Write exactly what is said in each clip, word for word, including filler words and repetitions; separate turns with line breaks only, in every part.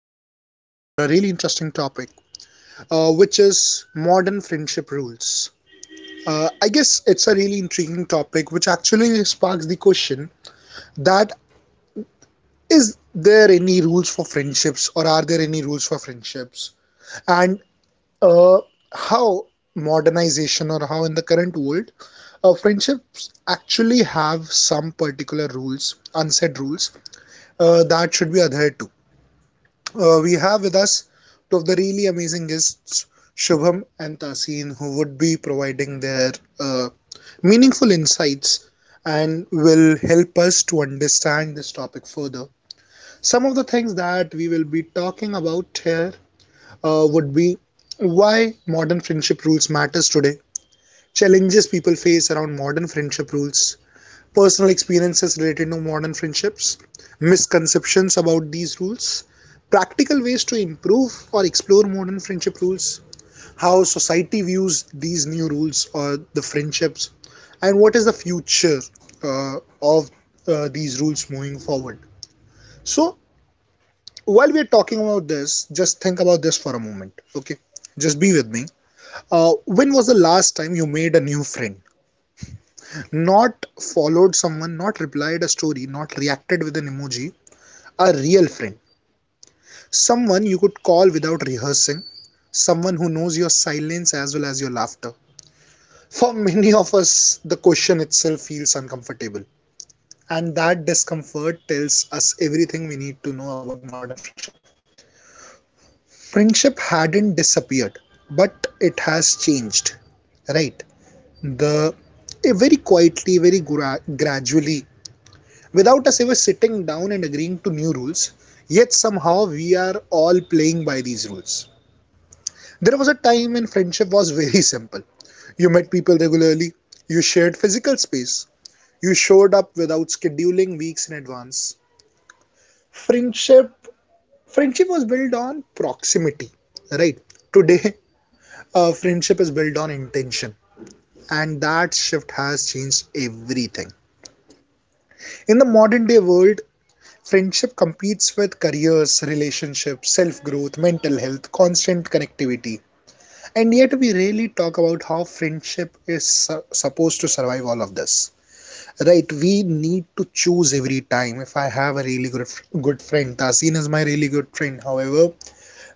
yet again for a really interesting topic, uh, which is modern friendship rules. Uh, I guess it's a really intriguing topic, which actually sparks the question that is there any rules for friendships, or are there any rules for friendships, and uh, how modernization or how in the current world uh, friendships actually have some particular rules, unsaid rules uh, that should be adhered to. Uh, we have with us two of the really amazing guests, Shubham and Tasin, who would be providing their uh, meaningful insights and will help us to understand this topic further. Some of the things that we will be talking about here uh, would be why modern friendship rules matters today, challenges people face around modern friendship rules, personal experiences related to modern friendships, misconceptions about these rules, practical ways to improve or explore modern friendship rules, how society views these new rules or the friendships, and what is the future uh, of uh, these rules moving forward. So, while we're talking about this, just think about this for a moment, okay? Just be with me. Uh, when was the last time you made a new friend? Not followed someone, not replied a story, not reacted with an emoji, a real friend, someone you could call without rehearsing, someone who knows your silence as well as your laughter. For many of us, the question itself feels uncomfortable, and that discomfort tells us everything we need to know about modern friendship. Friendship hadn't disappeared, but it has changed, right? The, eh, very quietly, very gra- gradually, without us ever sitting down and agreeing to new rules, yet somehow we are all playing by these rules. There was a time when friendship was very simple. You met people regularly, you shared physical space, you showed up without scheduling weeks in advance. Friendship friendship was built on proximity, right? Today, uh, friendship is built on intention, and that shift has changed everything. In the modern day world, friendship competes with careers, relationships, self growth, mental health, constant connectivity. And yet, we rarely talk about how friendship is su- supposed to survive all of this. Right, we need to choose every time. If I have a really good good friend, Tasin is my really good friend. However,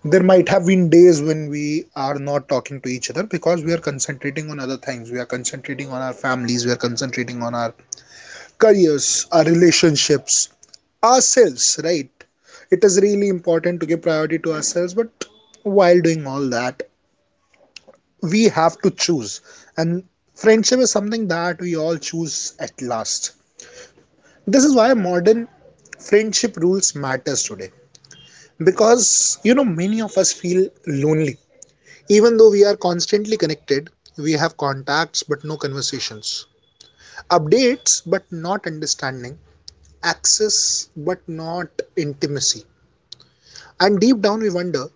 there might have been days when we are not talking to each other because we are concentrating on other things. We are concentrating on our families. We are concentrating on our careers, our relationships, ourselves. Right, it is really important to give priority to ourselves. But while doing all that, we have to choose, and friendship is something that we all choose at last. This is why modern friendship rules matters today, because you know many of us feel lonely even though we are constantly connected. We have contacts but no conversations, updates but not understanding, access but not intimacy. And deep down we wonder,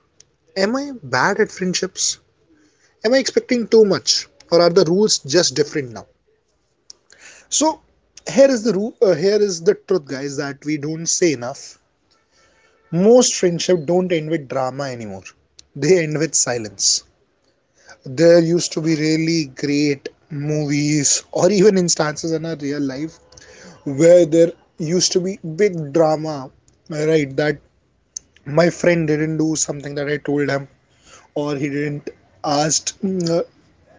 am I bad at friendships? Am I expecting too much, or are the rules just different now? So here is the rule. Uh, here is the truth, guys, that we don't say enough. Most friendship don't end with drama anymore. They end with silence. There used to be really great movies or even instances in our real life where there used to be big drama, right? That my friend didn't do something that I told him, or he didn't asked. Mm, uh,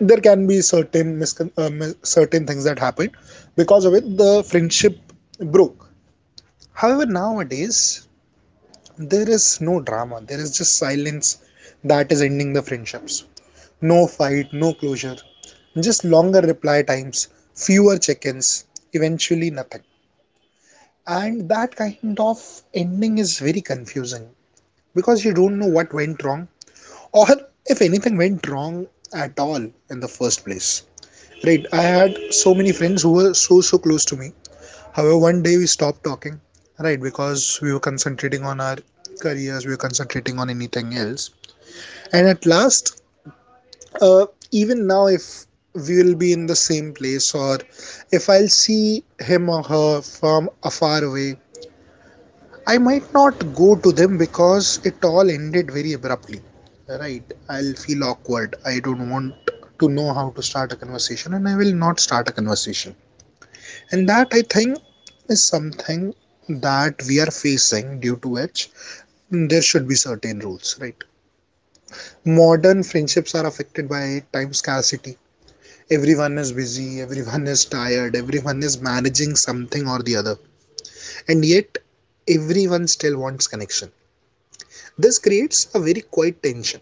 there can be certain miscon- uh, mis- certain things that happened because of it. The friendship broke. However, nowadays there is no drama, there is just silence that is ending the friendships. No fight, no closure, just longer reply times, fewer check ins, eventually nothing. And that kind of ending is very confusing because you don't know what went wrong, or if anything went wrong at all in the first place. Right, I had so many friends who were so so close to me. However, one day we stopped talking, right? Because we were concentrating on our careers, we were concentrating on anything else. And at last, uh, even now, if we will be in the same place or if I'll see him or her from afar away, I might not go to them because it all ended very abruptly, right? I'll feel awkward. I don't want to know how to start a conversation and I will not start a conversation. And that I think is something that we are facing, due to which there should be certain rules, right? Modern friendships are affected by time scarcity. Everyone is busy, everyone is tired, everyone is managing something or the other, and yet everyone still wants connection. This creates a very quiet tension.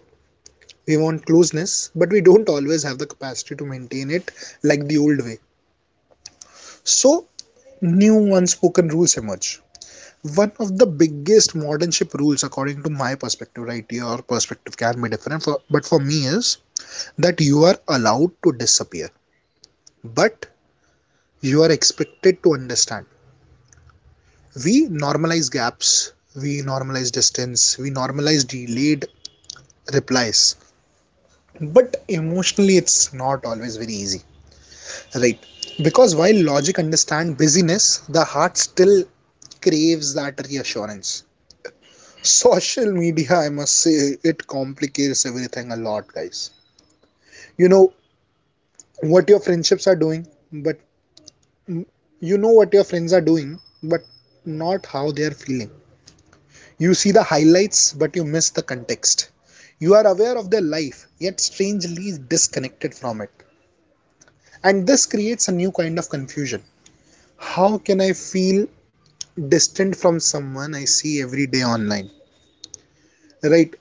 We want closeness, but we don't always have the capacity to maintain it like the old way. So new unspoken rules emerge. One of the biggest modern ship rules, according to my perspective, right? Your perspective can be different, for, but for me is that you are allowed to disappear, but you are expected to understand. We normalize gaps, we normalize distance, we normalize delayed replies, but emotionally it's not always very easy, right? Because while logic understands busyness, the heart still craves that reassurance. Social media, I must say, it complicates everything a lot, guys. You know what your friendships are doing, but mm, you know what your friends are doing but not how they are feeling. You see the highlights but you miss the context. You are aware of their life yet strangely disconnected from it. And this creates a new kind of confusion. How can I feel distant from someone I see every day online? Right.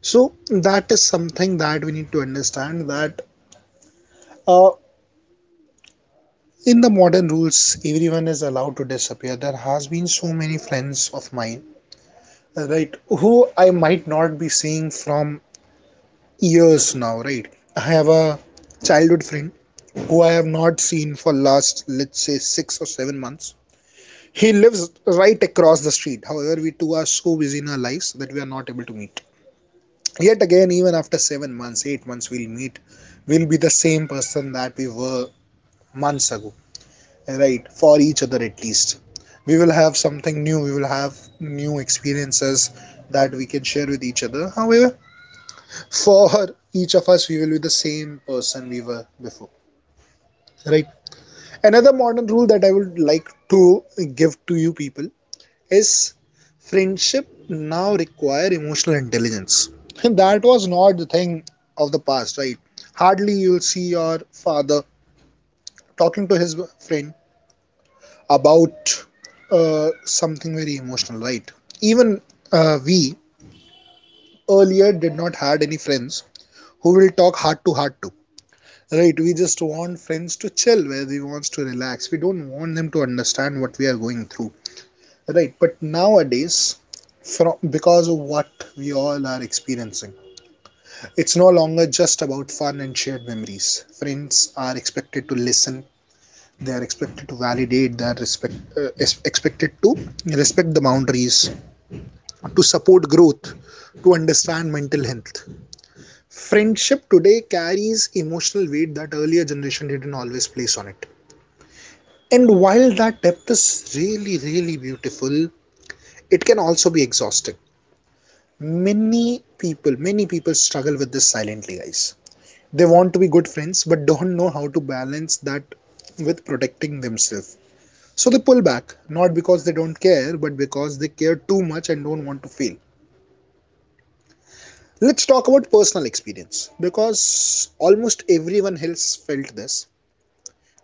So that is something that we need to understand, that uh, in the modern rules everyone is allowed to disappear. There has been so many friends of mine, right, who I might not be seeing from years now, right? I have a childhood friend who I have not seen for last, let's say, six or seven months. He lives right across the street, however, we two are so busy in our lives that we are not able to meet. Yet again, even after seven months, eight months, we'll meet, we'll be the same person that we were months ago, right? For each other at least, we will have something new, we will have new experiences that we can share with each other. However, for each of us, we will be the same person we were before, right? Another modern rule that I would like to give to you people is friendship now require emotional intelligence, and that was not the thing of the past, right? Hardly you'll see your father talking to his friend about uh, something very emotional, right? Even uh, we earlier did not had any friends who will talk heart to heart to, right? We just want friends to chill, where we wants to relax. We don't want them to understand what we are going through, right? But nowadays, from because of what we all are experiencing, it's no longer just about fun and shared memories. Friends are expected to listen. They are expected to validate. They are respect, uh, expected to respect the boundaries, to support growth, to understand mental health. Friendship today carries emotional weight that earlier generation didn't always place on it. And while that depth is really, really beautiful, it can also be exhausting. Many people, many people struggle with this silently, guys. They want to be good friends but don't know how to balance that with protecting themselves. So they pull back, not because they don't care, but because they care too much and don't want to fail. Let's talk about personal experience because almost everyone else felt this.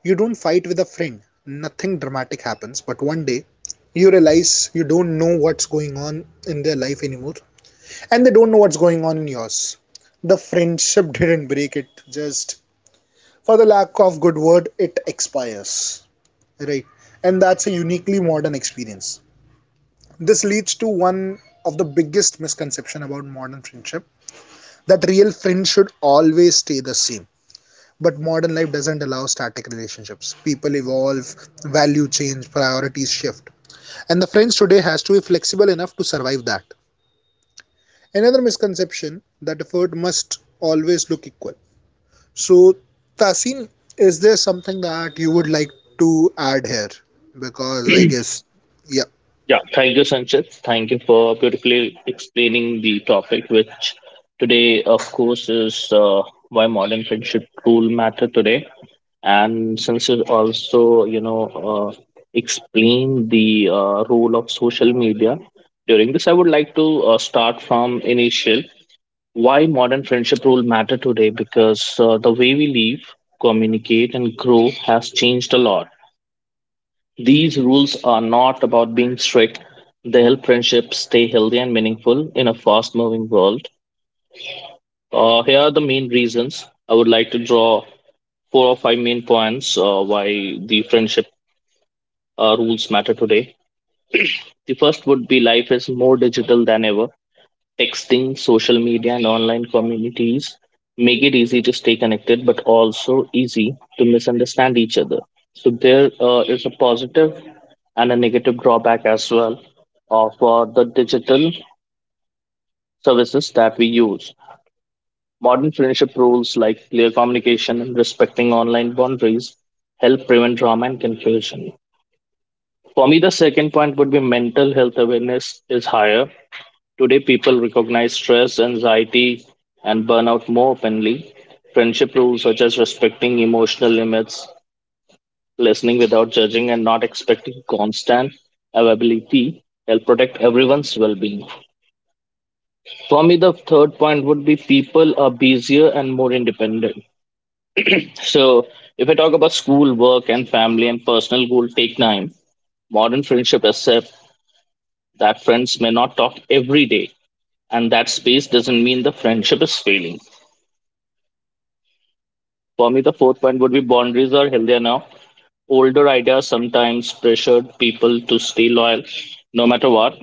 You don't fight with a friend, nothing dramatic happens, but one day you realize you don't know what's going on in their life anymore, and they don't know what's going on in yours. The friendship didn't break, it just, for the lack of good word, it expires, right? And that's a uniquely modern experience. This leads to one of the biggest misconception about modern friendship that real friends should always stay the same. But modern life doesn't allow static relationships. People evolve, value change, priorities shift. And the friends today has to be flexible enough to survive that. Another misconception that effort must always look equal. So, Tasin, is there something that you would like to add here? Because I
Yeah,
guess, yeah.
thank you, Sanchit. Thank you for beautifully explaining the topic, which today, of course, is uh, why modern friendship rule matter today. And since you also, you know, uh, explain the uh, role of social media during this, I would like to uh, start from initial why modern friendship rule matter today because uh, the way we live, communicate, and grow has changed a lot. These rules are not about being strict. They help friendships stay healthy and meaningful in a fast moving world. Uh, here are the main reasons. I would like to draw four or five main points uh, why the friendship uh, rules matter today. The first would be life is more digital than ever. Texting, social media, and online communities make it easy to stay connected, but also easy to misunderstand each other. So there uh, is a positive and a negative drawback as well of uh, the digital services that we use. Modern friendship rules like clear communication and respecting online boundaries help prevent drama and confusion. For me, the second point would be mental health awareness is higher. Today, people recognize stress, anxiety, and burnout more openly. Friendship rules such as respecting emotional limits, listening without judging, and not expecting constant availability help protect everyone's well being. For me, the third point would be people are busier and more independent. So, if I talk about school, work, and family and personal goal take time, modern friendship accept that friends may not talk every day, and that space doesn't mean the friendship is failing. For me, the fourth point would be boundaries are healthier now. Older ideas sometimes pressured people to stay loyal no matter what.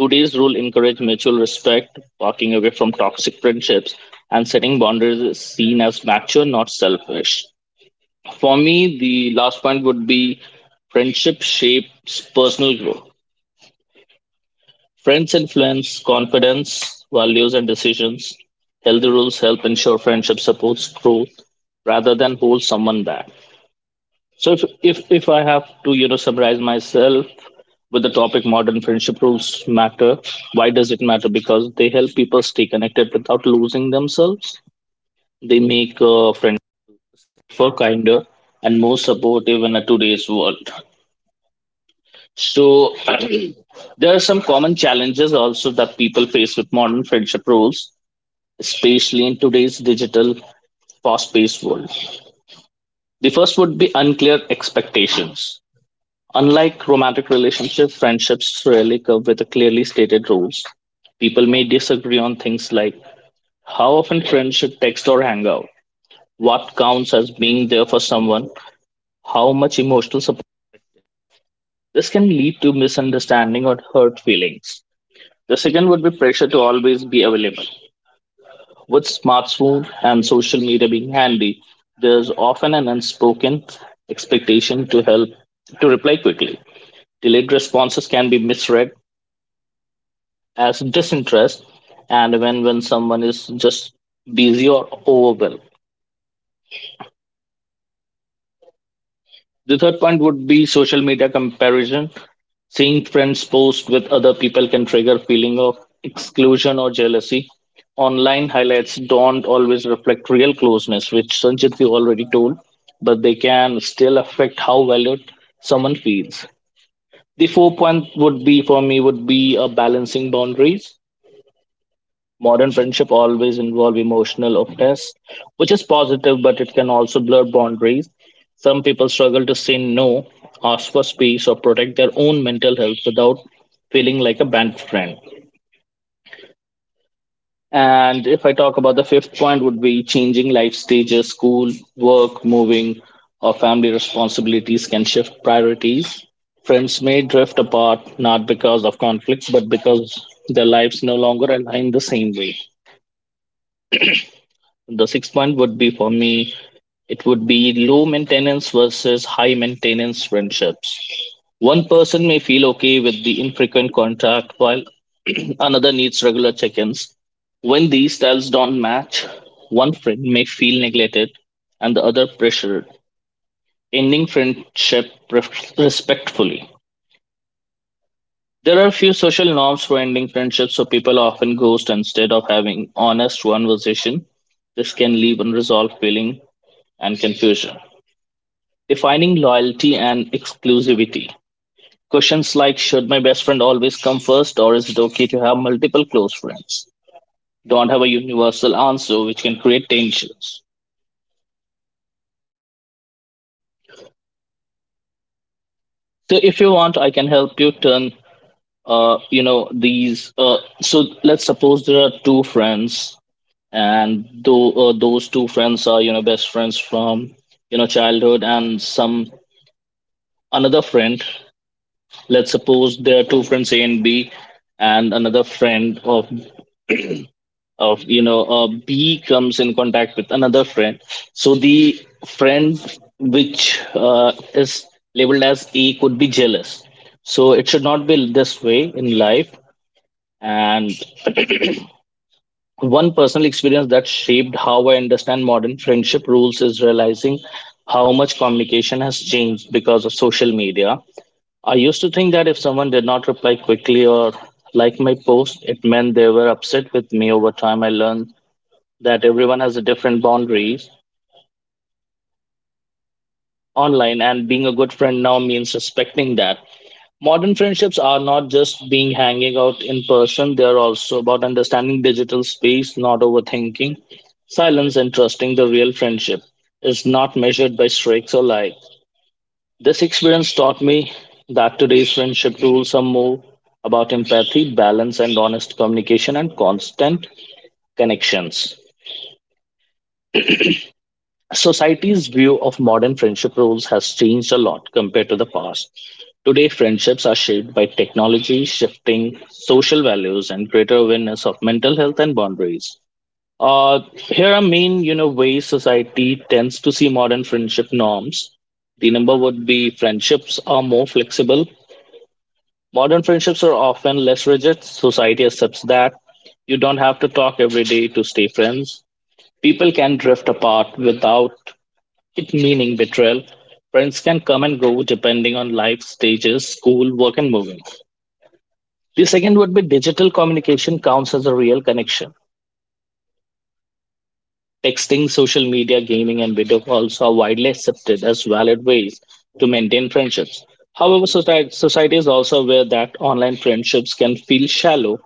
Today's rule encourage mutual respect, walking away from toxic friendships, and setting boundaries is seen as mature, not selfish. For me, the last point would be friendship shapes personal growth. Friends influence confidence, values, and decisions. Healthy rules help ensure friendship supports growth rather than hold someone back. So if, if if I have to you know summarize myself with the topic modern friendship rules matter, why does it matter? Because they help people stay connected without losing themselves. They make uh, friends for kinder and more supportive in a today's world. So there are some common challenges also that people face with modern friendship rules, especially in today's digital fast-paced world. The first would be unclear expectations. Unlike romantic relationships, friendships rarely come with a clearly stated rules. People may disagree on things like how often friends should text or hang out, what counts as being there for someone, how much emotional support. This can lead to misunderstanding or hurt feelings. The second would be pressure to always be available. With smartphone and social media being handy, there's often an unspoken expectation to help to reply quickly. Delayed responses can be misread as disinterest and when when someone is just busy or overwhelmed. The third point would be social media comparison, seeing friends post with other people can trigger feeling of exclusion or jealousy. Online highlights don't always reflect real closeness, which sanjit you already told, but they can still affect how valued someone feels. The fourth point would be for me would be a balancing boundaries. Modern friendship always involve emotional openness, which is positive, but it can also blur boundaries. Some people struggle to say no, ask for space, or protect their own mental health without feeling like a bad friend. And if I talk about the fifth point, would be changing life stages, school, work, moving, or family responsibilities can shift priorities. Friends may drift apart not because of conflicts, but because their lives no longer align the same way. The sixth one would be for me, it would be low maintenance versus high maintenance friendships. One person may feel okay with the infrequent contact while another needs regular check ins. When these styles don't match, one friend may feel neglected and the other pressured, ending friendship ref- respectfully. There are few social norms for ending friendships, so people often ghost instead of having honest conversation. This can leave unresolved feeling and confusion. Defining loyalty and exclusivity. Questions like should my best friend always come first, or is it okay to have multiple close friends? Don't have a universal answer, which can create tensions. So, if you want, I can help you turn, uh, you know, these. Uh, so, let's suppose there are two friends, and though uh, those two friends are, you know, best friends from, you know, childhood, and some another friend, let's suppose there are two friends a and b, and another friend of of you know uh, b comes in contact with another friend. So the friend which uh, is labeled as a could be jealous, so it should not be this way in life. And one personal experience that shaped how I understand modern friendship rules is realizing how much communication has changed because of social media. I used to think that if someone did not reply quickly or like my post, it meant they were upset with me. Over time, I learned that everyone has a different boundaries online, and being a good friend now means respecting that. Modern friendships are not just being hanging out in person, they are also about understanding digital space, not overthinking, silence, and trusting the real friendship is not measured by streaks or likes. This experience taught me that today's friendship rules are more about empathy, balance, and honest communication and constant connections. Society's view of modern friendship rules has changed a lot compared to the past. Today, friendships are shaped by technology, shifting social values, and greater awareness of mental health and boundaries. Uh, here are main, you know, ways society tends to see modern friendship norms. The number would be friendships are more flexible. Modern friendships are often less rigid. Society accepts that you don't have to talk every day to stay friends. People can drift apart without it meaning betrayal. Friends can come and go depending on life stages, school, work, and moving. The second would be digital communication counts as a real connection. Texting, social media, gaming, and video calls are widely accepted as valid ways to maintain friendships. However, society, society is also aware that online friendships can feel shallow.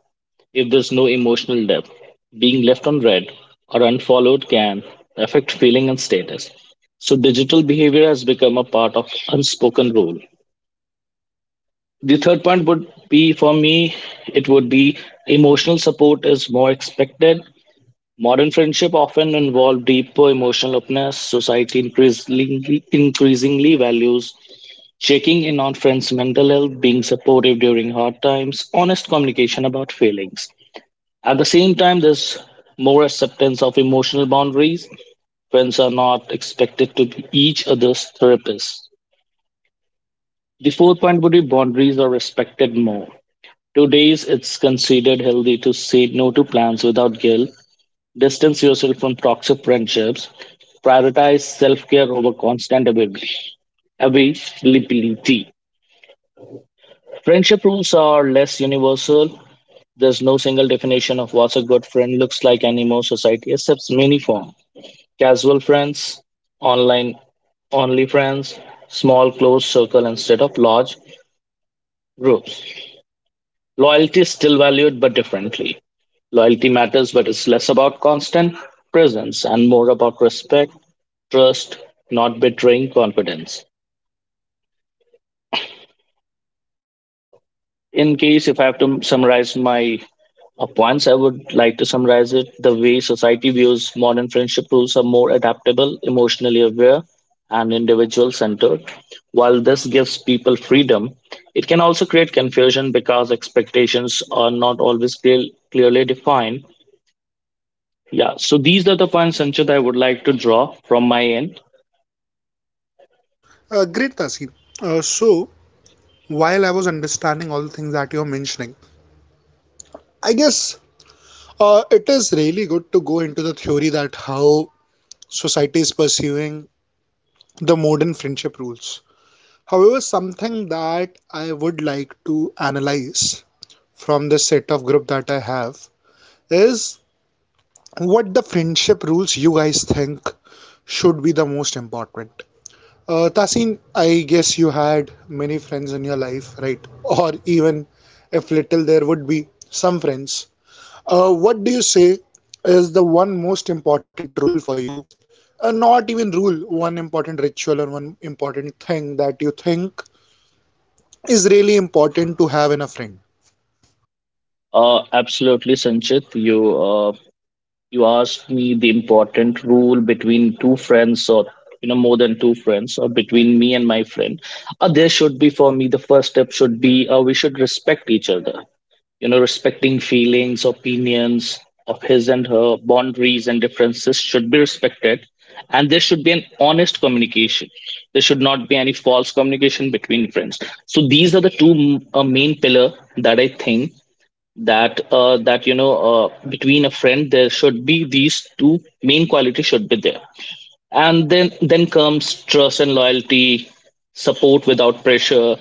If there's no emotional depth, being left on read or unfollowed can affect feeling and status. So digital behavior has become a part of unspoken rule. The third point would be for me, it would be emotional support is more expected. Modern friendship often involve deeper emotional openness. Society increasingly increasingly values checking in on friends' mental health, being supportive during hard times, honest communication about feelings. At the same time, there's more acceptance of emotional boundaries. Friends are not expected to be each other's therapists. The fourth point would be boundaries are respected more. Today's it's considered healthy to say no to plans without guilt, distance yourself from toxic friendships, prioritize self-care over constant avail- availability. Friendship rules are less universal. There's no single definition of what a good friend looks like anymore. Society accepts many forms. Casual friends, online only friends, small close circle instead of large groups. Loyalty is still valued but differently. Loyalty matters, but it's less about constant presence and more about respect, trust, not betraying confidence. In case if I have to summarize my Uh, Points, I would like to summarize it the way society views modern friendship rules are more adaptable, emotionally aware, and individual centered. While this gives people freedom, it can also create confusion because expectations are not always clear, clearly defined. Yeah, so these are the points, Sanchit, I would like to draw from my end.
Uh, great, Tasin. Uh, so, while I was understanding all the things that you're mentioning, I guess uh, it is really good to go into the theory that how society is pursuing the modern friendship rules. However, something that I would like to analyze from this set of group that I have is what the friendship rules you guys think should be the most important. Uh, Tasin, I guess you had many friends in your life, right? Or even if little, there would be some friends. Uh, what do you say is the one most important rule for you? Uh, not even rule, one important ritual or one important thing that you think is really important to have in a friend.
Uh, absolutely, Sanchit, you uh, you asked me the important rule between two friends or you know more than two friends or between me and my friend. Uh, there should be for me the first step should be uh, we should respect each other, you know respecting feelings, opinions of his and her boundaries and differences should be respected, and there should be an honest communication. There should not be any false communication between friends. So these are the two m- uh, main pillar that I think that uh, that you know uh, between a friend there should be these two main qualities should be there. And then then comes trust and loyalty, support without pressure,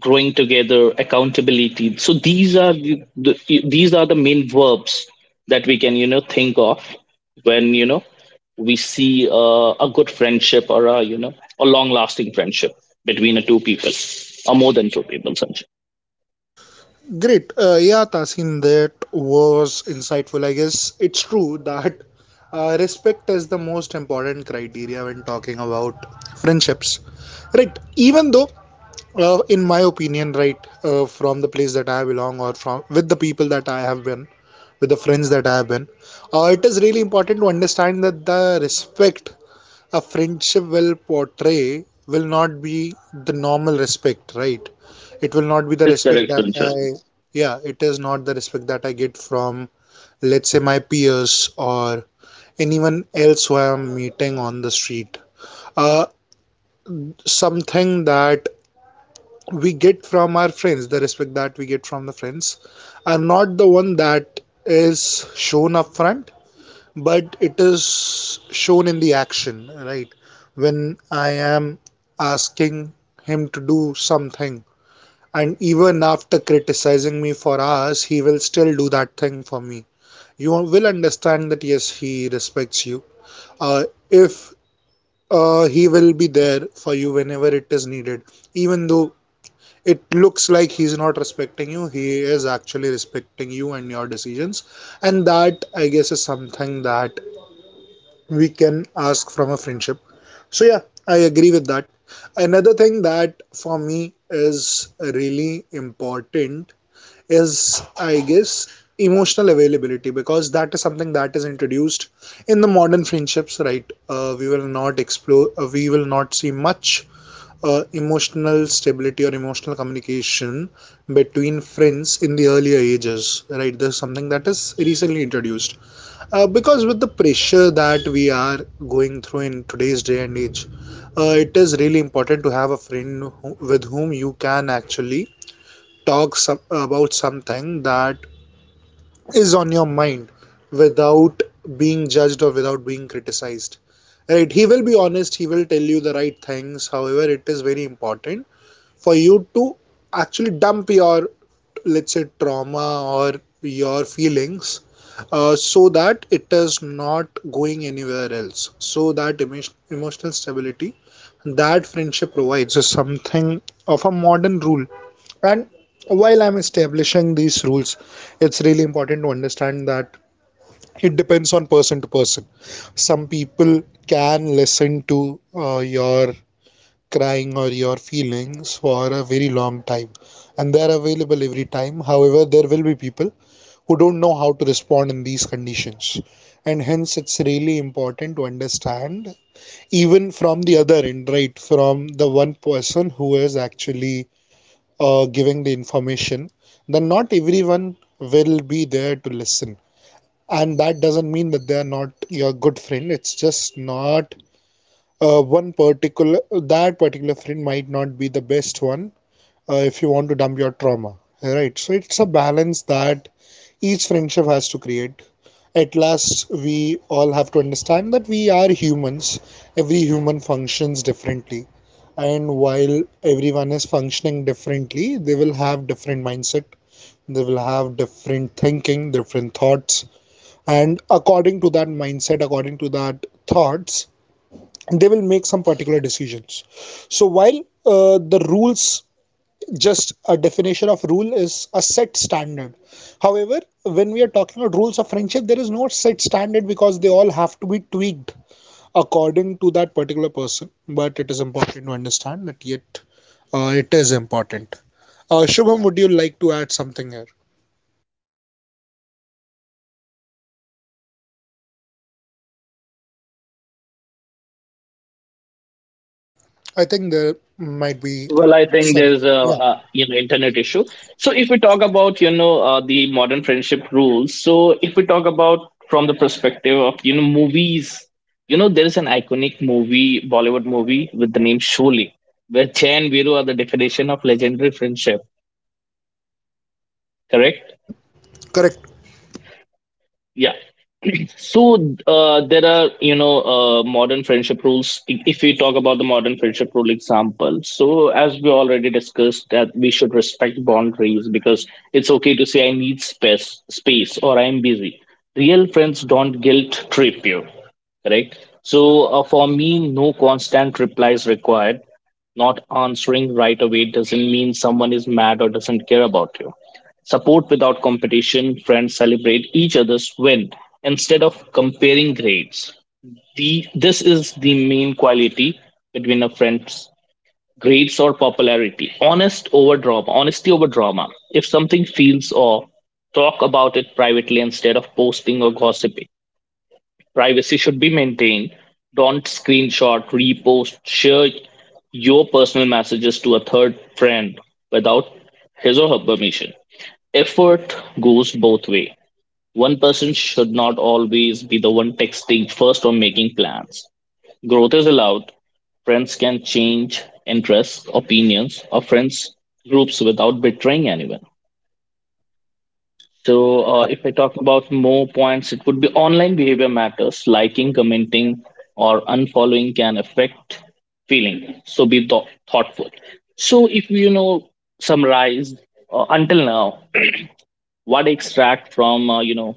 growing together, accountability. So these are the, the these are the main verbs that we can you know think of when you know we see uh, a good friendship or a you know a long lasting friendship between a two people or more than two people, sanjay.
Great. Uh, yeah, Tasin, that was insightful. I guess it's true that uh, respect is the most important criteria when talking about friendships. Right. Even though, uh, in my opinion, right, uh, from the place that I belong or from with the people that I have been, with the friends that I have been, uh, it is really important to understand that the respect a friendship will portray will not be the normal respect, right? It will
Yeah,
not be the
that is
respect
correct,
that
sanjay.
I, yeah, it is not the respect that I get from, let's say, my peers or anyone else who I am meeting on the street. Uh, something that we get from our friends, the respect that we get from the friends, are not the one that is shown up front, but it is shown in the action, right? When I am asking him to do something. And even after criticizing me for hours, he will still do that thing for me. You will understand that yes, he respects you. Uh, if uh, he will be there for you whenever it is needed, even though it looks like he's not respecting you, he is actually respecting you and your decisions. And that, I guess, is something that we can ask from a friendship. So, yeah, I agree with that. Another thing that for me is really important is, I guess, emotional availability, because that is something that is introduced in the modern friendships, right? Uh, we will not explore, uh, we will not see much uh, emotional stability or emotional communication between friends in the earlier ages, right? There's something that is recently introduced, uh, because with the pressure that we are going through in today's day and age, uh, it is really important to have a friend who, with whom you can actually talk some, about something that is on your mind without being judged or without being criticized, right? He will be honest, he will tell you the right things. However, it is very important for you to actually dump your, let's say, trauma or your feelings, uh, so that it is not going anywhere else. So that emo- emotional stability that friendship provides is something of a modern rule. And while I'm establishing these rules, it's really important to understand that it depends on person to person. Some people can listen to uh, your crying or your feelings for a very long time, and they are available every time. However, there will be people who don't know how to respond in these conditions, and hence it's really important to understand, even from the other end, right? From the one person who is actually uh, giving the information, then not everyone will be there to listen, and that doesn't mean that they are not your good friend. It's just not uh, one particular that particular friend might not be the best one uh, if you want to dump your trauma, right? So it's a balance that each friendship has to create. At last, we all have to understand that we are humans. Every human functions differently, and while everyone is functioning differently, they will have different mindset, they will have different thinking, different thoughts, and according to that mindset, according to that thoughts, they will make some particular decisions. So while uh, the rules, just a definition of rule is a set standard. However, when we are talking about rules of friendship, there is no set standard, because they all have to be tweaked according to that particular person. But it is important to understand that, yet, uh, it is important. Uh, shubham, would you like to add something here? I think there might be
Well, I think
some,
there's a,
yeah.
uh you know internet issue. So if we talk about you know uh, the modern friendship rules, so if we talk about from the perspective of you know movies, you know there is an iconic movie, Bollywood movie with the name Sholay, where Jay and Viru are the definition of legendary friendship. Correct?
Mhm. Correct.
Yeah. So uh, there are, you know, uh, modern friendship rules. If if we talk about the modern friendship rule example, so as we already discussed, that we should respect boundaries because it's okay to say I need space, space, or I'm busy. Real friends don't guilt trip you, correct? So uh, for me, no constant reply is required. Not answering right away doesn't mean someone is mad or doesn't care about you. Support without competition, friends celebrate each other's win instead of comparing grades. The, this is the main quality between a friend's grades or popularity. Honest over drama, honesty over drama. If something feels off, talk about it privately instead of posting or gossiping. Privacy should be maintained. Don't screenshot, repost, share your personal messages to a third friend without his or her permission. Effort goes both way. One person should not always be the one texting first or making plans. Growth is allowed. Friends can change interests, opinions, or friends groups without betraying anyone. So, uh, if I talk about more points, it would be online behavior matters. Liking, commenting, or unfollowing can affect feeling. So, be thou- thoughtful. So, if you know, summarize uh, until now, what I extract from uh, you know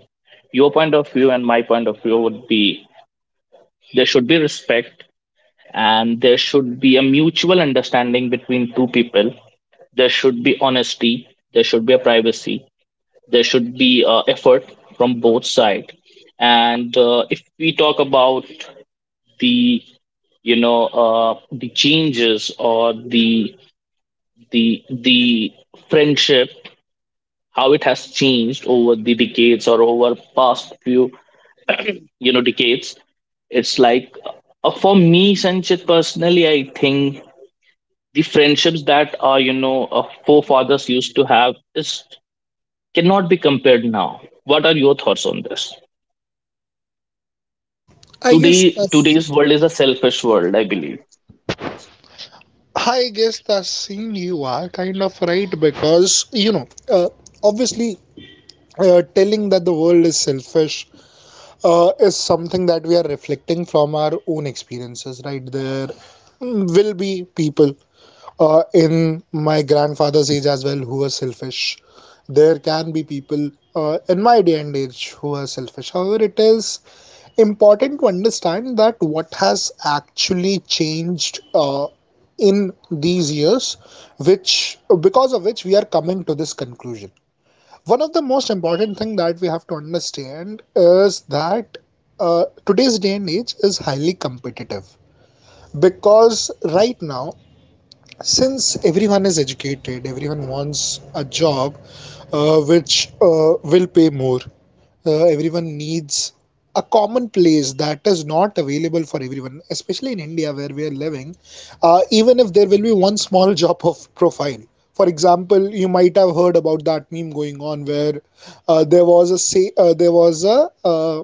your point of view and my point of view would be there should be respect, and there should be a mutual understanding between two people. There should be honesty. There should be a privacy, there should be uh, effort from both sides. And uh, if we talk about the you know uh, the changes, or the the the friendship, how it has changed over the decades or over past few, you know decades, it's like, uh, for me, Sanchit, personally, I think the friendships that our, you know uh, forefathers used to have is cannot be compared now. What are your thoughts on this?
I guess
Today,
that's—
today's world is a selfish world, I believe.
I guess that's scene you are kind of right, because you know, uh, obviously, uh, telling that the world is selfish uh, is something that we are reflecting from our own experiences, right? There will be people uh, in my grandfather's age as well who are selfish. There can be people uh, in my day and age who are selfish. However, it is important to understand that what has actually changed uh, in these years, which because of which we are coming to this conclusion. One of the most important thing that we have to understand is that uh, today's day and age is highly competitive, because right now, since everyone is educated, everyone wants a job uh, which uh, will pay more. Uh, everyone needs a common place that is not available for everyone, especially in India where we are living. Uh, even if there will be one small job of profile. For example, you might have heard about that meme going on where uh, there was a say, uh, there was a uh,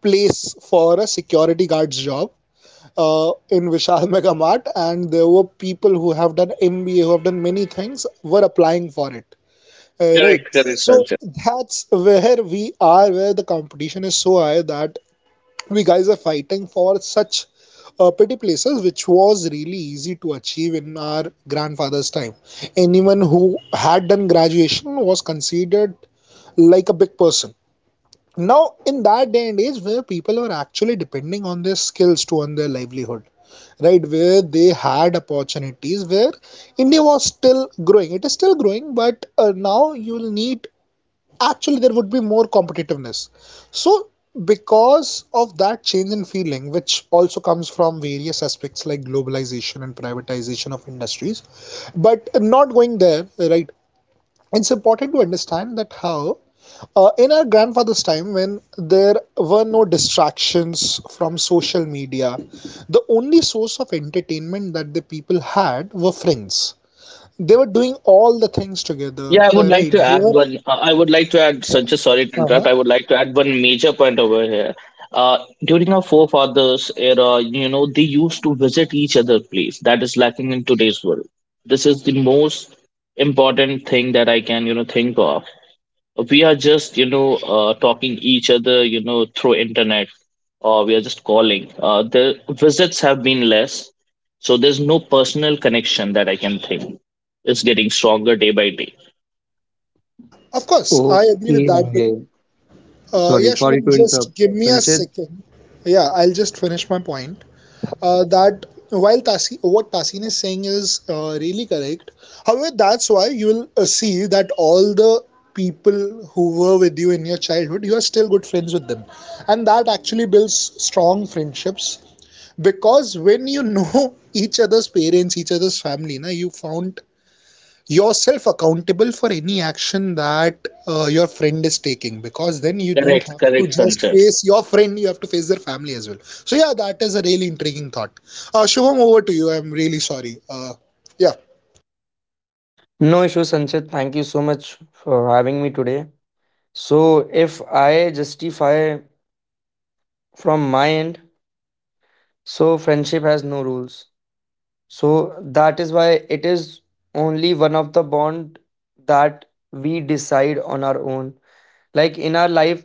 place for a security guard's job uh, in Vishal Mega Mart, and there were people who have done M B A, who have done many things, were applying for it. Uh,
Correct,
right.
correct,
So
Sanjay.
that's where we are, where the competition is so high that we guys are fighting for such uh, petty places, which was really easy to achieve in our grandfather's time. Anyone who had done graduation was considered like a big person. Now, in that day and age, where people were actually depending on their skills to earn their livelihood, right? Where they had opportunities, where India was still growing. It is still growing, but uh, now you'll need, actually there would be more competitiveness. So because of that change in feeling, which also comes from various aspects like globalization and privatization of industries, but not going there, right? It's important to understand that how uh, in our grandfather's time, when there were no distractions from social media, the only source of entertainment that the people had were friends. They were doing all the things together,
Yeah, I would
uh,
like
right?
to
They
add
were—
one. Uh, I would like to add, Sanjay, sorry to interrupt.
uh-huh.
I would like to add one major point over here. Uh, during our forefathers' era, you know, they used to visit each other's place. That is lacking in today's world. This is the most important thing that I can, you know, think of. We are just you know uh, talking each other, you know, through internet, or we are just calling. Uh, the visits have been less, so there's no personal connection that I can think. It's getting stronger day by day.
Of course, I agree with
Okay,
that. But
I
uh,
sorry,
yeah,
sorry
Shubham,
to interrupt,
just give me a
Sanchit.
second. Yeah, I'll just finish my point. Uh, that while Tasi, what Tasin is saying is uh, really correct. However, that's why you will uh, see that all the people who were with you in your childhood, you are still good friends with them, and that actually builds strong friendships, because when you know each other's parents, each other's family, na, you found yourself accountable for any action that uh, your friend is taking, because then you don't
Correct,
have to
correct,
just
Sunset.
face your friend, you have to face their family as well. So yeah, that is a really intriguing thought. Uh, shubham, over to you. I'm really sorry, uh, yeah.
No issue, Sanchit. Thank you so much for having me today. So, if I justify from my end, so friendship has no rules. So, that is why it is only one of the bond that we decide on our own. Like in our life,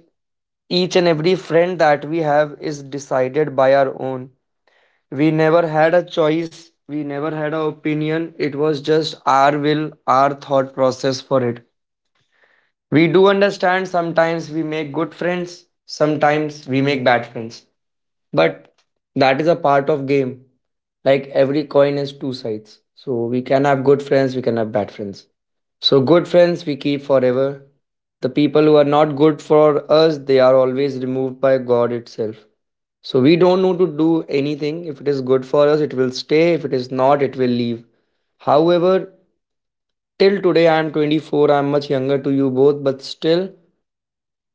each and every friend that we have is decided by our own, we never had a choice, we never had an opinion, it was just our will, our thought process for it. We do understand sometimes we make good friends, sometimes we make bad friends, but that is a part of game. Like every coin has two sides, so we can have good friends, we can have bad friends. So good friends we keep forever, the people who are not good for us, they are always removed by god itself. So we don't need to do anything. If it is good for us, it will stay. If it is not, it will leave. However, till today I am twenty four, I am much younger to you both, but still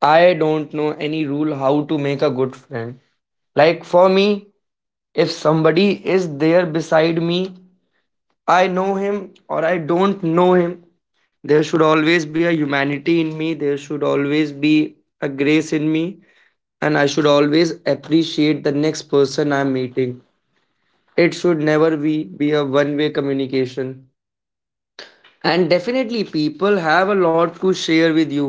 I don't know any rule how to make a good friend. Like for me, if somebody is there beside me, I know him or I don't know him. There should always be a humanity in me, there should always be a grace in me, and I should always appreciate the next person I'm meeting. It should never be, be a one way communication, and definitely people have a lot to share with you.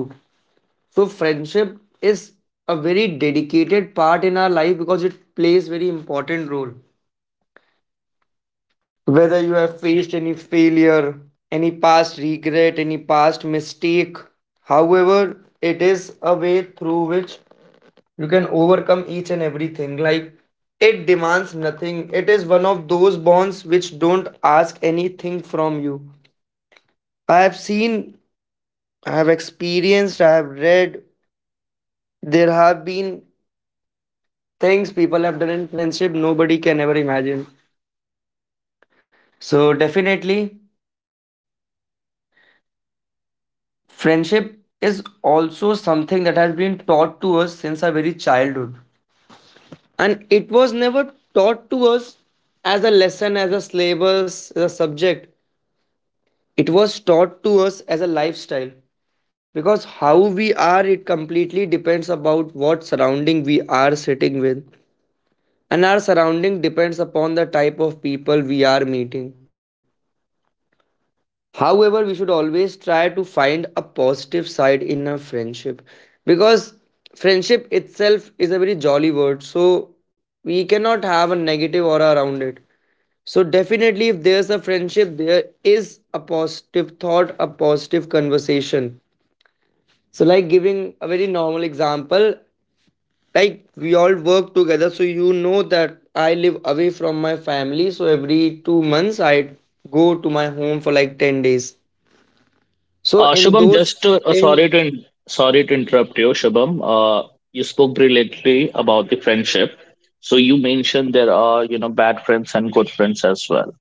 So friendship is a very dedicated part in our life because it plays very important role, whether you have faced any failure, any past regret, any past mistake. However, it is a way through which you can overcome each and everything. Like it demands nothing, it is one of those bonds which don't ask anything from you. I have seen, I have experienced, I have read. There have been things people have done in friendship nobody can ever imagine. So, definitely, friendship is also something that has been taught to us since our very childhood. And it was never taught to us as a lesson, as a syllabus, as a subject. It was taught to us as a lifestyle, because how we are it completely depends about what surrounding we are sitting with, and our surrounding depends upon the type of people we are meeting. However, we should always try to find a positive side in a friendship, because friendship itself is a very jolly word, so we cannot have a negative aura around it. So definitely if there's a friendship there is a positive thought, a positive conversation. So like giving a very normal example, like we all work together, you know that I live away from my family, so every two months I go to my home for like ten days. So
uh,
in
Shubham,
those
just to, uh, sorry
ten,
to in- sorry to interrupt you, Shubham. Uh, you spoke brilliantly about the friendship, so you mentioned there are, you know, bad friends and good friends as well.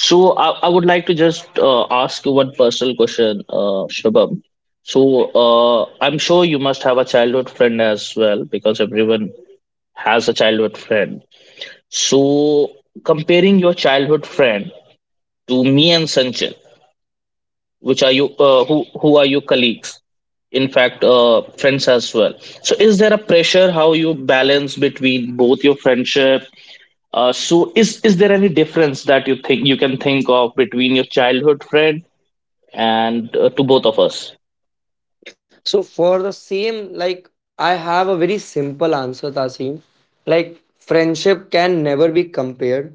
So I, I would like to just uh, ask you one personal question, uh, Shubham. So uh, I'm sure you must have a childhood friend as well, because everyone has a childhood friend. So comparing your childhood friend to me and Sanjay, which are you uh, who who are your colleagues? In fact, uh, friends as well. So is there a pressure how you balance between both your friendship? Uh, so is is there any difference that you think you can think of between your childhood friend and uh, to both of us?
so for the same, like I have a very simple answer, tasim. Like friendship can never be compared,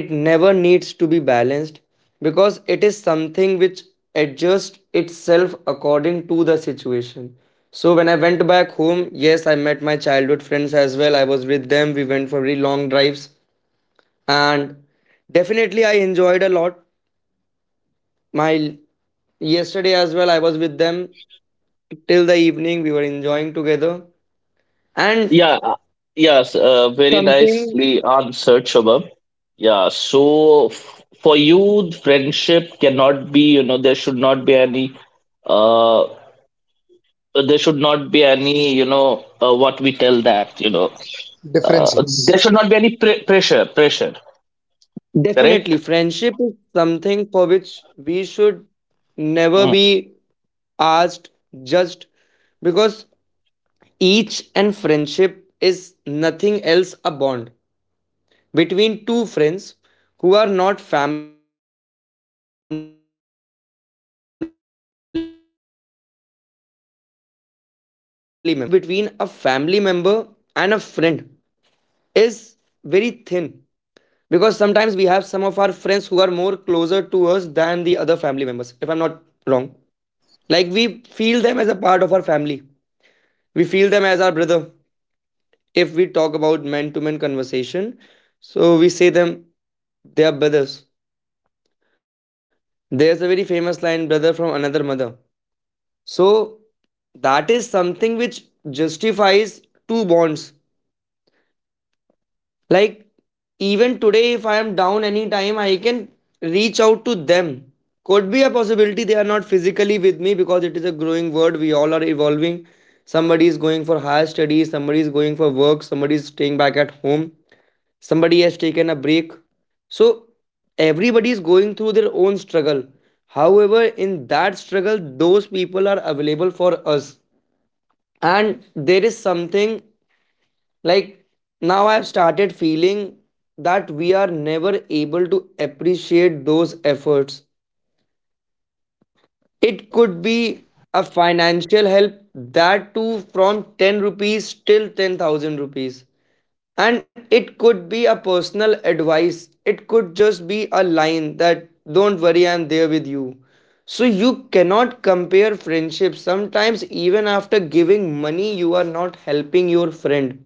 it never needs to be balanced, because it is something which adjusts itself according to situation. So when I went back home, yes, I met my childhood friends as well. I was with them. We went for very long drives, and definitely I enjoyed a lot. My yesterday as well, I was with them till the evening. We were enjoying together, and
Yeah, uh, yes, uh, very
something,
nicely answered, Shubham. Yeah, so f- for you, friendship cannot be, you know, there should not be any, uh, there should not be any, you know, uh, what we tell that, you know, uh, there
Differences.
should not be any pre- pressure, pressure,
definitely
correct?
friendship is something for which we should never
Mm.
be asked, judged, because each and friendship is nothing else a bond between two friends who are not family members. So, a difference between a family member and a friend is very thin, because sometimes we have some of our friends who are more closer to us than the other family members, if I'm not wrong. Like, we feel them as a part of our family, we feel them as our brother, if we talk about man to man conversation, so we say them, they are brothers. There's a very famous line, brother from another mother. So that is something which justifies two bonds. Like even today, if I am down anytime, I can reach out to them. Could be a possibility they are not physically with me because it is a growing world. We all are evolving. Somebody is going for higher studies, somebody is going for work, somebody is staying back at home, somebody has taken a break. So everybody is going through their own struggle, however in that struggle those people are available for us. And there is something, like now I have started feeling that we are never able to appreciate those efforts. It could be a financial help, that too from ten rupees till ten thousand rupees, and it could be a personal advice, it could just be a line that don't worry, I'm there with you. So you cannot compare friendships. Sometimes even after giving money you are not helping your friend,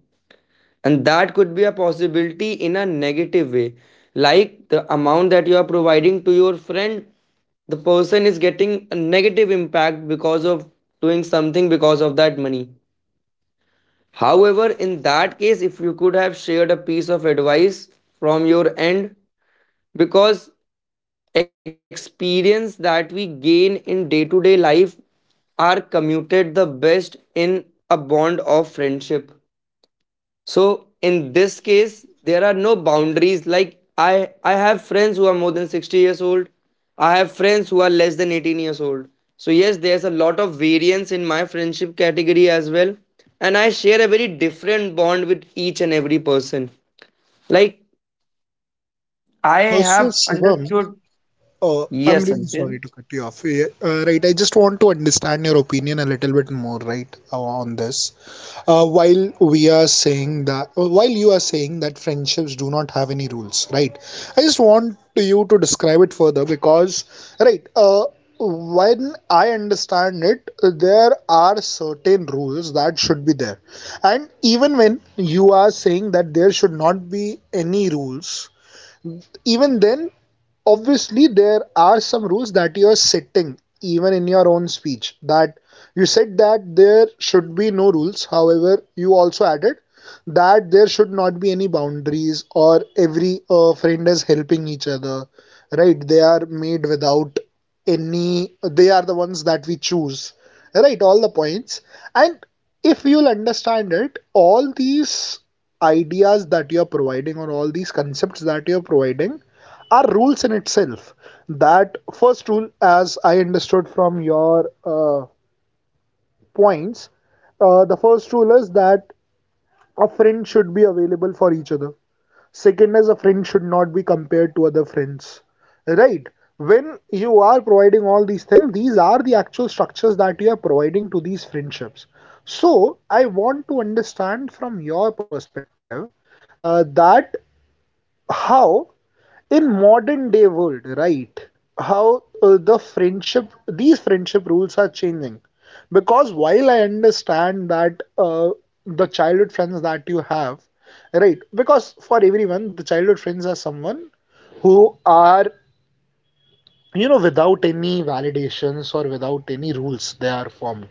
and that could be a possibility in a negative way. Like the amount that you are providing to your friend, the person is getting a negative impact because of doing something because of that money. However, in that case, if you could have shared a piece of advice from your end, because experience that we gain in day to day life are commuted the best in a bond of friendship. So in this case, there are no boundaries. Like I, I have friends who are more than sixty years old. I have friends who are less than eighteen years old. So yes, there's a lot of variance in my friendship category as well. And I share a very different bond with each and every person. Like I
uh, so
have
Shubham,
understood.
uh, I'm
Yes,
really sorry
Anshul.
to cut you off. Yeah, Uh, right, I just want to understand your opinion a little bit more, right, uh, on this. Uh, while we are saying that, uh, while you are saying that friendships do not have any rules, right? I just want you to describe it further, because, right, uh, when I understand it, there are certain rules that should be there. And even when you are saying that there should not be any rules, even then, obviously there are some rules that you're setting even in your own speech. That you said that there should be no rules, however you also added that there should not be any boundaries, or every uh, friend is helping each other, right? They are made without any, they are the ones that we choose, right? All the points. And if you'll understand it, all these ideas that you're providing or all these concepts that you're providing are rules in itself. That first rule, as I understood from your uh, points, uh, the first rule is that a friend should be available for each other. Second is a friend should not be compared to other friends. Right? When you are providing all these things, these are the actual structures that you are providing to these friendships. So, I want to understand from your perspective uh, that how in modern day world, right, how uh, the friendship, these friendship rules are changing, because while I understand that uh, the childhood friends that you have, right, because for everyone the childhood friends are someone who are, you know without any validations or without any rules, they are formed,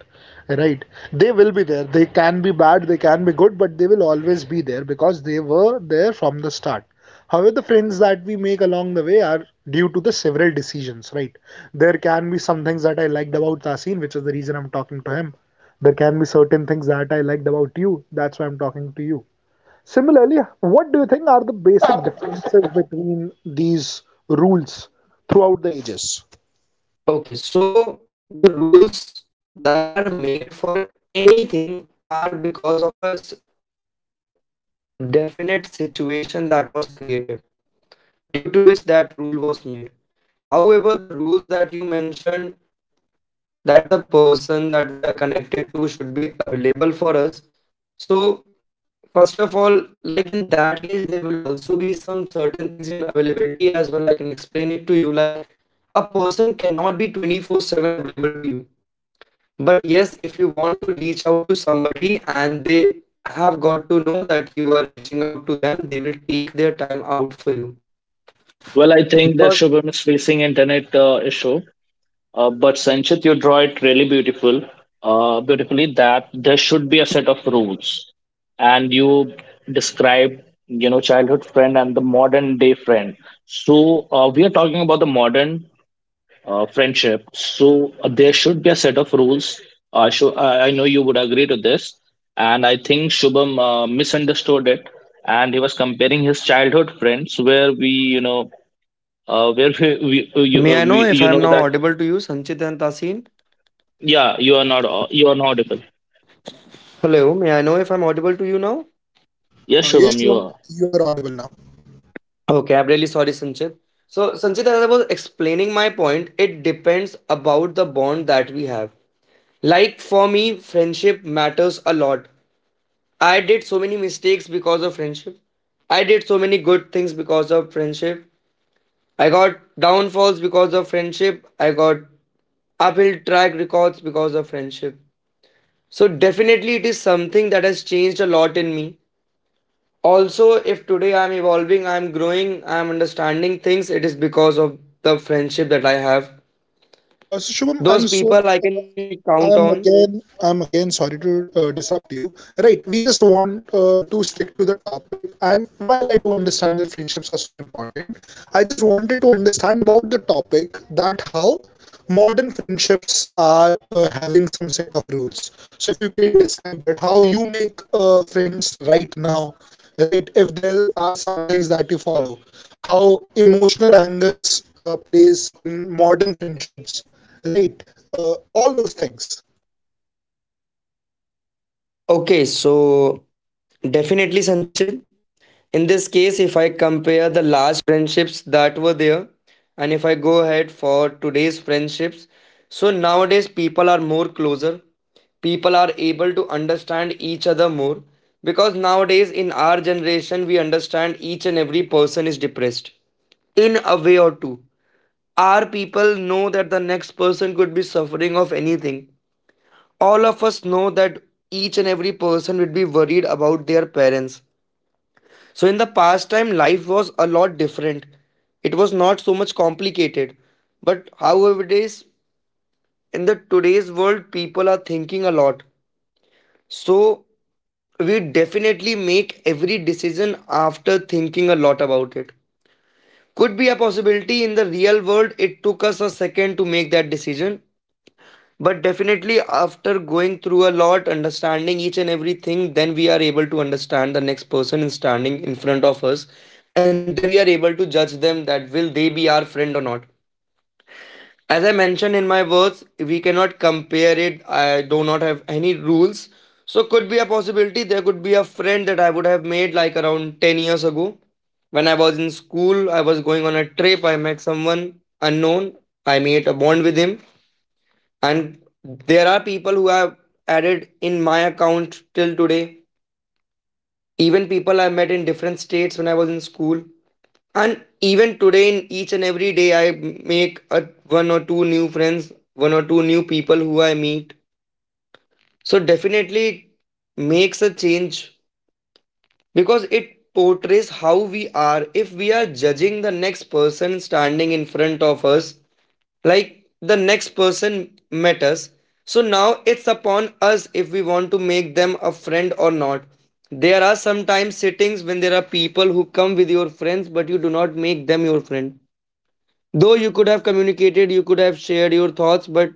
right. They will be there. They can be bad, they can be good, but they will always be there because they were there from the start. However, the friends that we make along the way are due to the several decisions, right. There can be some things that I liked about Tasin, which is the reason I'm talking to him. There can be certain things that I liked about you, that's why I'm talking to you. Similarly, what do you think are the basic differences between these rules throughout the ages?
Okay, so the rules that are made for anything are because of a s- definite situation that was created, due to which that rule was made. However, the rules that you mentioned, that the person that we are connected to should be available for us. So, first of all, like in that case, there will also be some certain things in availability as well. I can explain it to you. Like a person cannot be twenty four seven available to you. But yes, if you want to reach out to somebody and they have got to know that you are reaching out to them, they will take their time out for you.
Well, I think that
Because
Shubham is facing internet uh, issue. Uh, but Sanchit, you draw it really beautiful, uh, beautifully, that there should be a set of rules, and you describe, you know, childhood friend and the modern day friend. So uh, we are talking about the modern uh, friendship. So uh, there should be a set of rules. Uh, so I I know you would agree to this, and I think Shubham uh, misunderstood it, and he was comparing his childhood friends where we, you know, uh, where we, we, uh, you, uh,
May I know
we
if
you
I'm
know
now
that.
audible to you, Sanchit and Tasin?
Yeah, you are not au- you are not audible.
Hello, may I know if I'm audible to you now?
Yes,
Uh,
Shubham,
yes,
you
Shubham,
are.
you are audible now.
Okay, I'm really sorry, Sanchit. So, Sanchit, as I was explaining my point, it depends about the bond that we have. Like for me, friendship matters a lot. I did so many mistakes because of friendship. I did so many good things because of friendship. I got downfalls because of friendship. I got uphill track records because of friendship. So, definitely, it is something that has changed a lot in me. Also if today I'm evolving, I'm growing, I'm understanding things, it is because of the friendship that I have.
Uh, so, Shubham, I'm sorry. I'm again, I'm again sorry to uh, disrupt you. Right, we just want uh, to stick to the topic. And while I do understand that friendships are so important, I just wanted to understand about the topic, that how modern friendships are uh, having some set of rules. So if you can describe that, how you make uh, friends right now, right? If there are some things that you follow, how emotional angles uh, plays in modern friendships. Right, uh, all those things.
Go ahead for today's friendships. So nowadays people are more closer. People are able to understand each other more, because nowadays in our generation we understand each and every person is depressed in a way or two. Our people know that the next person could be suffering of anything. All of us know that each and every person would be worried about their parents. So in the past time, life was a lot different. It was not so much complicated. But however, it is in the today's world, people are thinking a lot. So we definitely make every decision after thinking a lot about it. Could be a possibility in the real world, it took us a second to make that decision. But definitely, after going through a lot, understanding each and everything, then we are able to understand the next person in standing in front of us, and then we are able to judge them that will they be our friend or not. As I mentioned in my words, we cannot compare it. I do not have any rules, so could be a possibility. There could be a friend that I would have made like around ten years ago when I was in school. I was going on a trip. I met someone unknown. I made a bond with him and there are people who have added in my account till today, even people I met in different states when I was in school. And even today, in each and every day, I make a, one or two new friends, one or two new people who I meet. So definitely it makes a change, because it portrays how we are, if we are judging the next person standing in front of us, like the next person met us. So now it's upon us if we want to make them a friend or not. There are sometimes sittings when there are people who come with your friends but you do not make them your friend, though you could have communicated, you could have shared your thoughts, but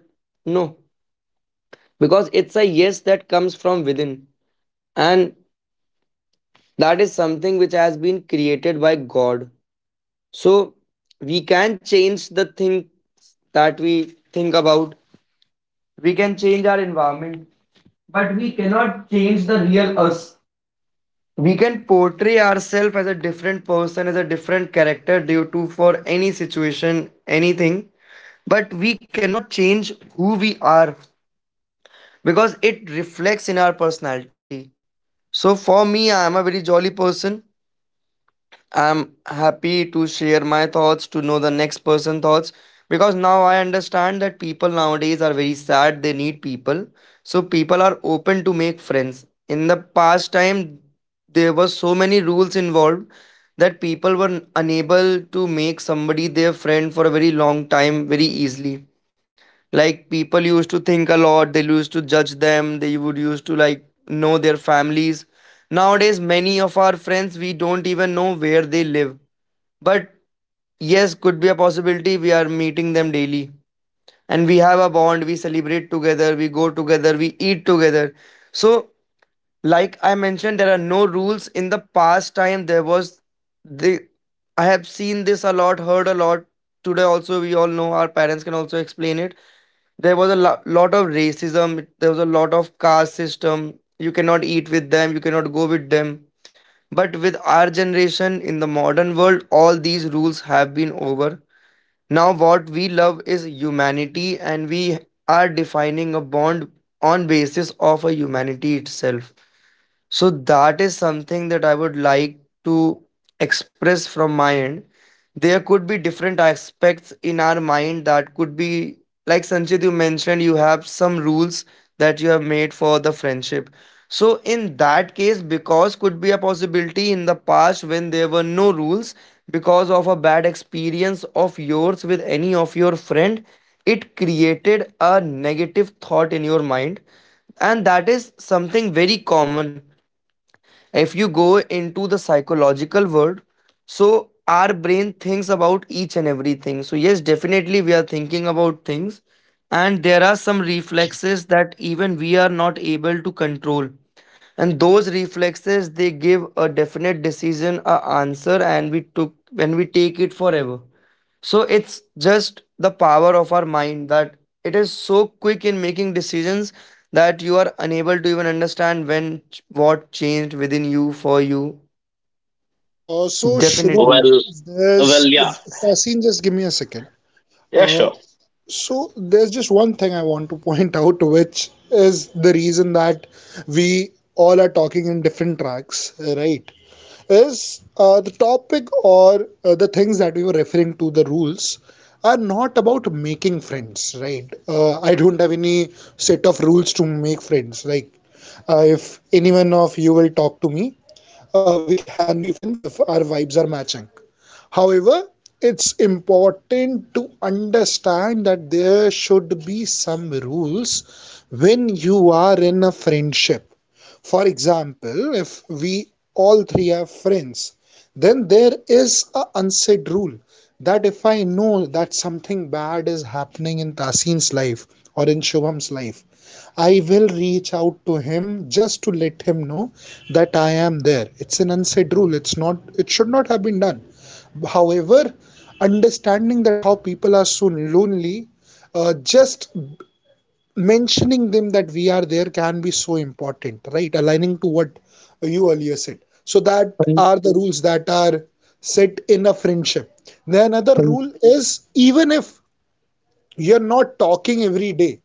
no, because it's a yes that comes from within. And that is something which has been created by God. So we can change the things that we think about, we can change our environment, but we cannot change the real us. We can portray ourselves as a different person, as a different character due to for any situation, anything, but we cannot change who we are, because it reflects in our personality. So for me, I am a very jolly person. I'm happy to share my thoughts, to know the next person's thoughts, because now I understand that people nowadays are very sad. They need people. So people are open to make friends. In the past time, there were so many rules involved that people were unable to make somebody their friend for a very long time very easily. Like, people used to think a lot, they used to judge them, they would used to like know their families. Nowadays, many of our friends, we don't even know where they live, but yes, could be a possibility we are meeting them daily, and we have a bond, we celebrate together, we go together, we eat together. So like I mentioned, there are no rules. In the past time, there was the i have seen this a lot, heard a lot. Today also, we all know, our parents can also explain it, there was a lo- lot of racism, there was a lot of caste system. You cannot eat with them, you cannot go with them. But with our generation, in the modern world, all these rules have been over. Now what we love is humanity, and we are defining a bond on basis of a humanity itself. So that is something that I would like to express from my end. There could be different aspects in our mind that could be, like Sanchit, you mentioned, you have some rules that you have made for the friendship. So in that case, because could be a possibility in the past when there were no rules, because of a bad experience of yours with any of your friend, it created a negative thought in your mind, and that is something very common if you go into the psychological world. So our brain thinks about each and everything, so yes, definitely we are thinking about things, and there are some reflexes that even we are not able to control, and those reflexes, they give a definite decision, a answer, and we took, when we take it forever. So it's just the power of our mind, that it is so quick in making decisions that you are unable to even understand when ch- what changed within you, for you.
Uh, so Shubham,
Definitely.
Well, well,
there's
yeah,
Sasin. Just give me a second.
yeah,
Uh,
sure.
so there's just one thing I want to point out, which is the reason that we all are talking in different tracks, right? Is uh, the topic or uh, the things that we were referring to, the rules are not about making friends, right? Uh, I don't have any set of rules to make friends. Like uh, if anyone of you will talk to me, uh, we can be friends if our vibes are matching. However, it's important to understand that there should be some rules when you are in a friendship. For example, if we all three are friends, then there is a unsaid rule that if I know that something bad is happening in Tasin's life or in Shubham's life, I will reach out to him just to let him know that I am there. It's an unsaid rule. It's not, it should not have been done. However, understanding that how people are so lonely, uh, just mentioning them that we are there can be so important, right? Aligning to what you earlier said. So that
Um,
are the rules that are set in a friendship. Then another
um,
rule is, even if you're not talking every day,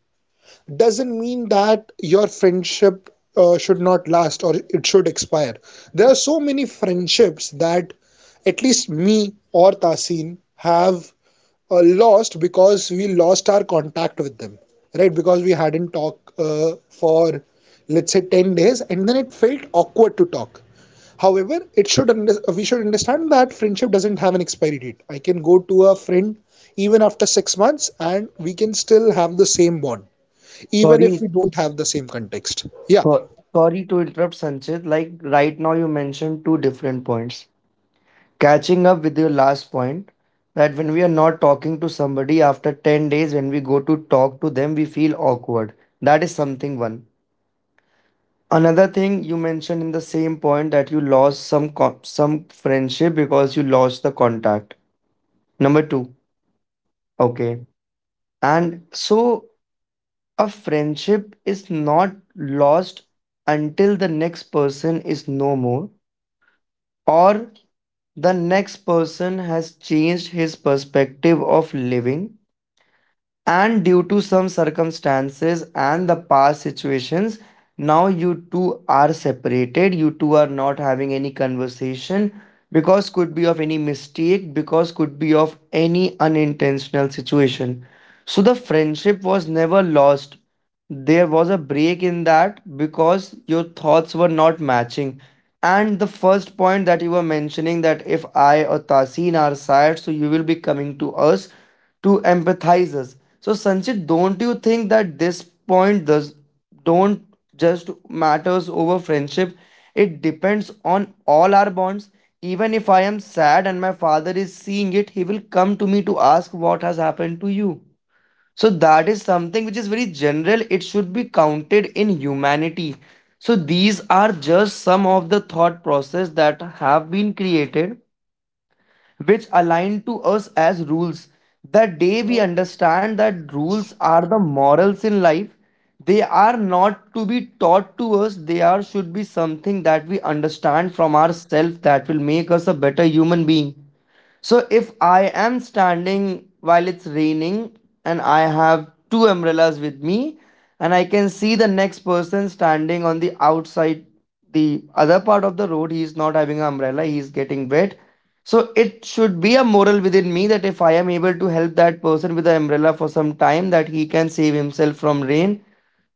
doesn't mean that your friendship uh, should not last or it should expire. There are so many friendships that at least me or Tasin have uh, lost because we lost our contact with them, right? Because we hadn't talked uh, for, let's say, ten days, and then it felt awkward to talk. However, it should under, we should understand that friendship doesn't have an expiry date. I can go to a friend even after six months and we can still have the same bond even if
Sorry,
we don't have the same context. Yeah.
so- sorry to interrupt, Sanchit. Like right now, you mentioned two different points. Catching up with your last point, that when we are not talking to somebody after ten days, when we go to talk to them, we feel awkward. That is something one. Another thing you mentioned in the same point, that you lost some con- some friendship because you lost the contact. Number two. Okay. And so a friendship is not lost until the next person is no more, or the next person has changed his perspective of living, and due to some circumstances and the past situations now you two are separated, you two are not having any conversation, because could be of any mistake, because could be of any unintentional situation. So the friendship was never lost, there was a break in that because your thoughts were not matching. And the first point that you were mentioning, that if I or Tasin are sad, so you will be coming to us to empathize us. So Sanchit, don't you think that this point does, don't, just matters over friendship? It depends on all our bonds. Even if I am sad and my father is seeing it, he will come to me to ask what has happened to you. So that is something which is very general. It should be counted in humanity. So these are just some of the thought process that have been created, which align to us as rules. The day we
Uh,
understand that rules are the morals in life, they are not to be taught to us. They are, should be something that we understand from ourselves, that will make us a better human being. So if I am standing while it's raining, and I have two umbrellas with me, and I can see the next person standing on the outside, the other part of the road, he is not having an umbrella, he is getting wet, so it should be a moral within me that if I am able to help that person with the umbrella for some time, that he can save himself from rain.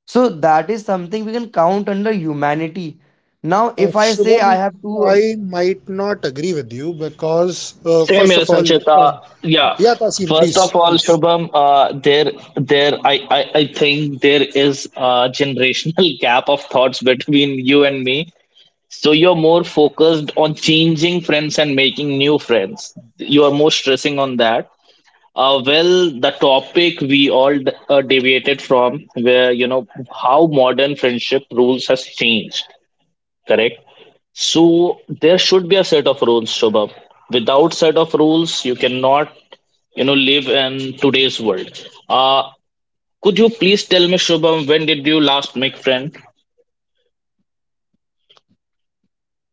So that is something we can count under humanity. Now
uh,
if I say I
Shubham,
have two um,
I might not agree with you because, uh,
Same
first
here,
of all, uh,
Sanchita. Yeah.
Yeah, Tasin,
First
please.
of all,
Please.
Shubham, uh, there, there, I, I, I think there is a generational gap of thoughts between you and me. So you're more focused on changing friends and making new friends. You are more stressing on that. Uh, well, the topic we all d- uh, deviated from, where, you know, how modern friendship rules has changed, correct? So there should be a set of rules, Shobham. Without set of rules, you cannot, you know, live in today's world. uh could you please tell me, Shobham, when did you last make friend?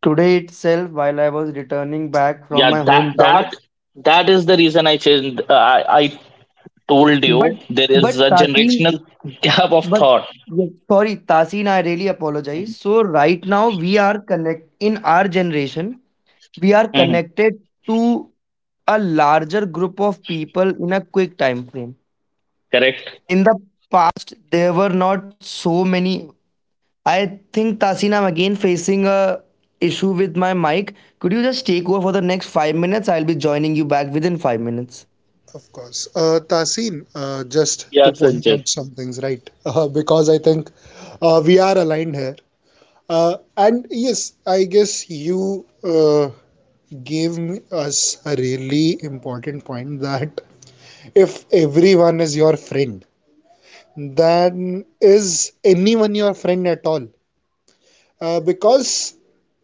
Today itself, while I was returning back from
yeah
my
that
hometown,
that that is the reason I changed. Uh, i i told you
but
there
but
is a
Tasin,
generational gap of
but
thought.
yes, sorry, Tasin, I really apologize. So right now we are connect in our generation, we are
Mhm.
connected to a larger group of people in a quick time frame
Correct.
Of course. Uh, Tasin, uh, just
Yeah,
to point
Sanjay.
out some things, right? Uh, because I think uh, we are aligned here. Uh, and yes, I guess you uh, gave me- us a really important point that if everyone is your friend, than is anyone your friend at all, uh, because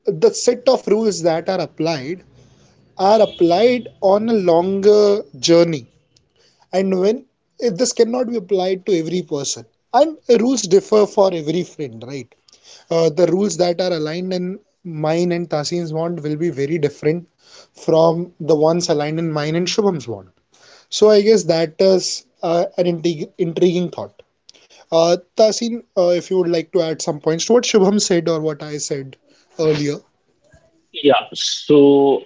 the set of rules that are applied are applied on a longer journey, and when, eh, this cannot be applied to every person, and rules differ for every friend, right. Uh, the rules that are aligned in mine and Tasin's bond will be very different from the ones aligned in mine and Shubham's bond. So I guess that is uh, an intrig- intriguing thought. Uh, Tasin, uh, if you would like to add some points to what Shubham said or what I said earlier.
Yeah, so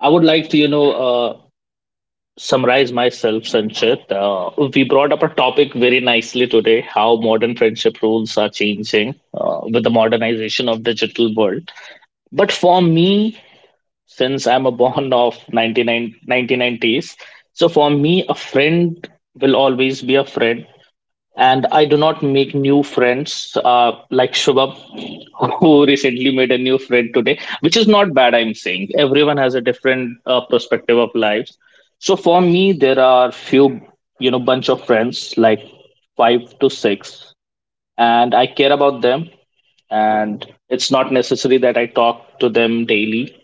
I would like to, you know uh, summarize myself, Sanchit. Uh, we brought up a topic very nicely today: how modern friendship rules are changing uh, with the modernization of digital world. But for me, since I'm a born of nineteen nineties, so for me, a friend will always be a friend, and I do not make new friends, uh, like Shubham, who recently made a new friend today, which is not bad. I'm saying everyone has a different uh, perspective of lives. So for me, there are few, you know, bunch of friends like five to six, and I care about them. And it's not necessary that I talk to them daily,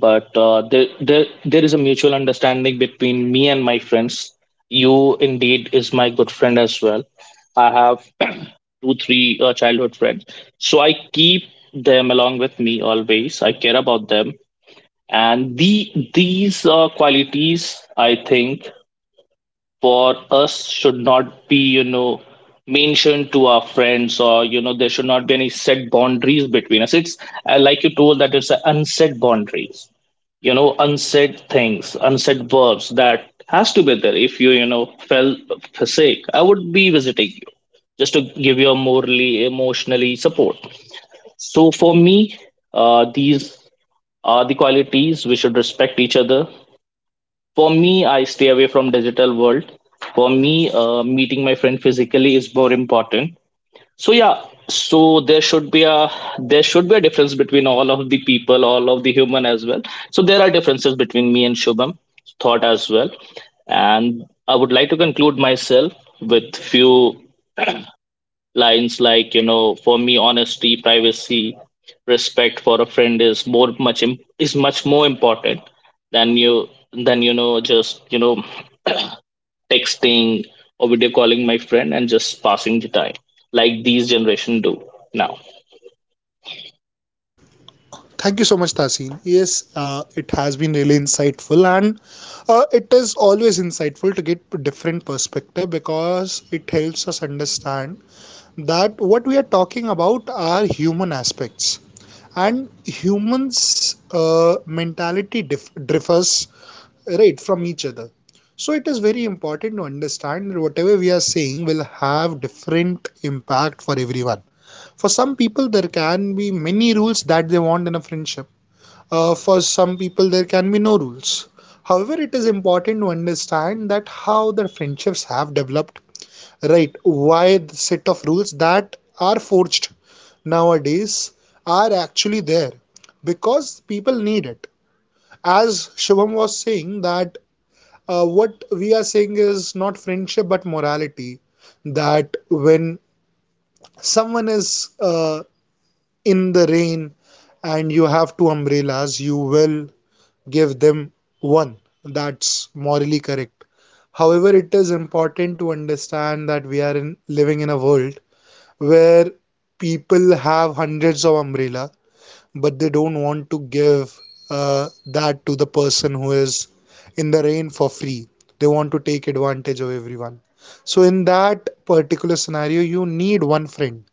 but uh, there, there there is a mutual understanding between me and my friends. You indeed is my good friend as well. I have two three uh, childhood friends, so I keep them along with me always, I care about them. And the these uh, qualities, I think, for us should not be, you know, mentioned to our friends, or, you know, there should not be any set boundaries between us. It's, uh, like you told, that it's a unset boundaries, you know, unsaid things, unsaid verbs that has to be there. If you, you know, fell sick, I would be visiting you just to give you a morally emotionally support. So for me, uh, these are the qualities, we should respect each other. For me, I stay away from digital world. For me, uh, meeting my friend physically is more important. So yeah, so there should be a, there should be a difference between all of the people, all of the human as well. So there are differences between me and Shubham thought as well. And I would like to conclude myself with few lines, like, you know, for me, honesty, privacy, respect for a friend is more much im- is much more important than you than, you know, just, you know, texting, or video calling my friend and just passing the time, like these generation do now.
Thank you so much, Tasin. Yes, uh, it has been really insightful, and uh, it is always insightful to get different perspective because it helps us understand that what we are talking about are human aspects, and humans' uh, mentality dif- differs, right, from each other. So it is very important to understand that whatever we are saying will have different impact for everyone. For some people there can be many rules that they want in a friendship, uh, for some people there can be no rules. However, it is important to understand that how the friendships have developed, right, why the set of rules that are forged nowadays are actually there, because people need it. As Shubham was saying that uh, what we are saying is not friendship but morality, that when someone is, uh, in the rain and you have two umbrellas, you will give them one, that's morally correct. However, it is important to understand that we are in, living in a world where people have hundreds of umbrella but they don't want to give uh, that to the person who is in the rain for free. They want to take advantage of everyone. So, in that particular scenario, you need one friend,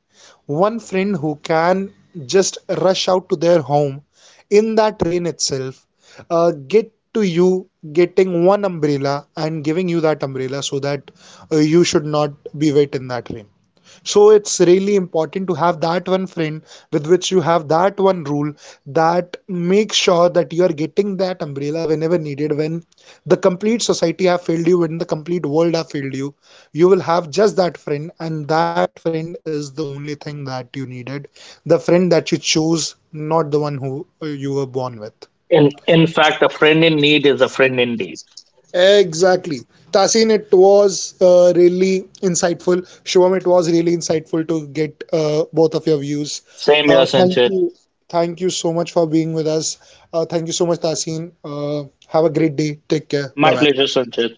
one friend who can just rush out to their home in that rain itself, uh, get to you, getting one umbrella and giving you that umbrella, so that uh, you should not be wet in that rain. So it's really important to have that one friend with which you have that one rule that makes sure that you are getting that umbrella whenever needed. When the complete society have failed you, when the complete world have failed you, you will have just that friend, and that friend is the only thing that you needed. The friend that you chose, not the one who uh, you were born with.
In in fact, a friend in need is a friend indeed.
Exactly. Tasin, it was uh, really insightful. Shubham, it was really insightful to get uh, both of your views.
Same here,
Uh, thank
Sanchit.
you. Thank you so much for being with us. Uh, thank you so much, Tasin. Uh, have a great day. Take care. Bye
My
bye.
pleasure, Sanchit.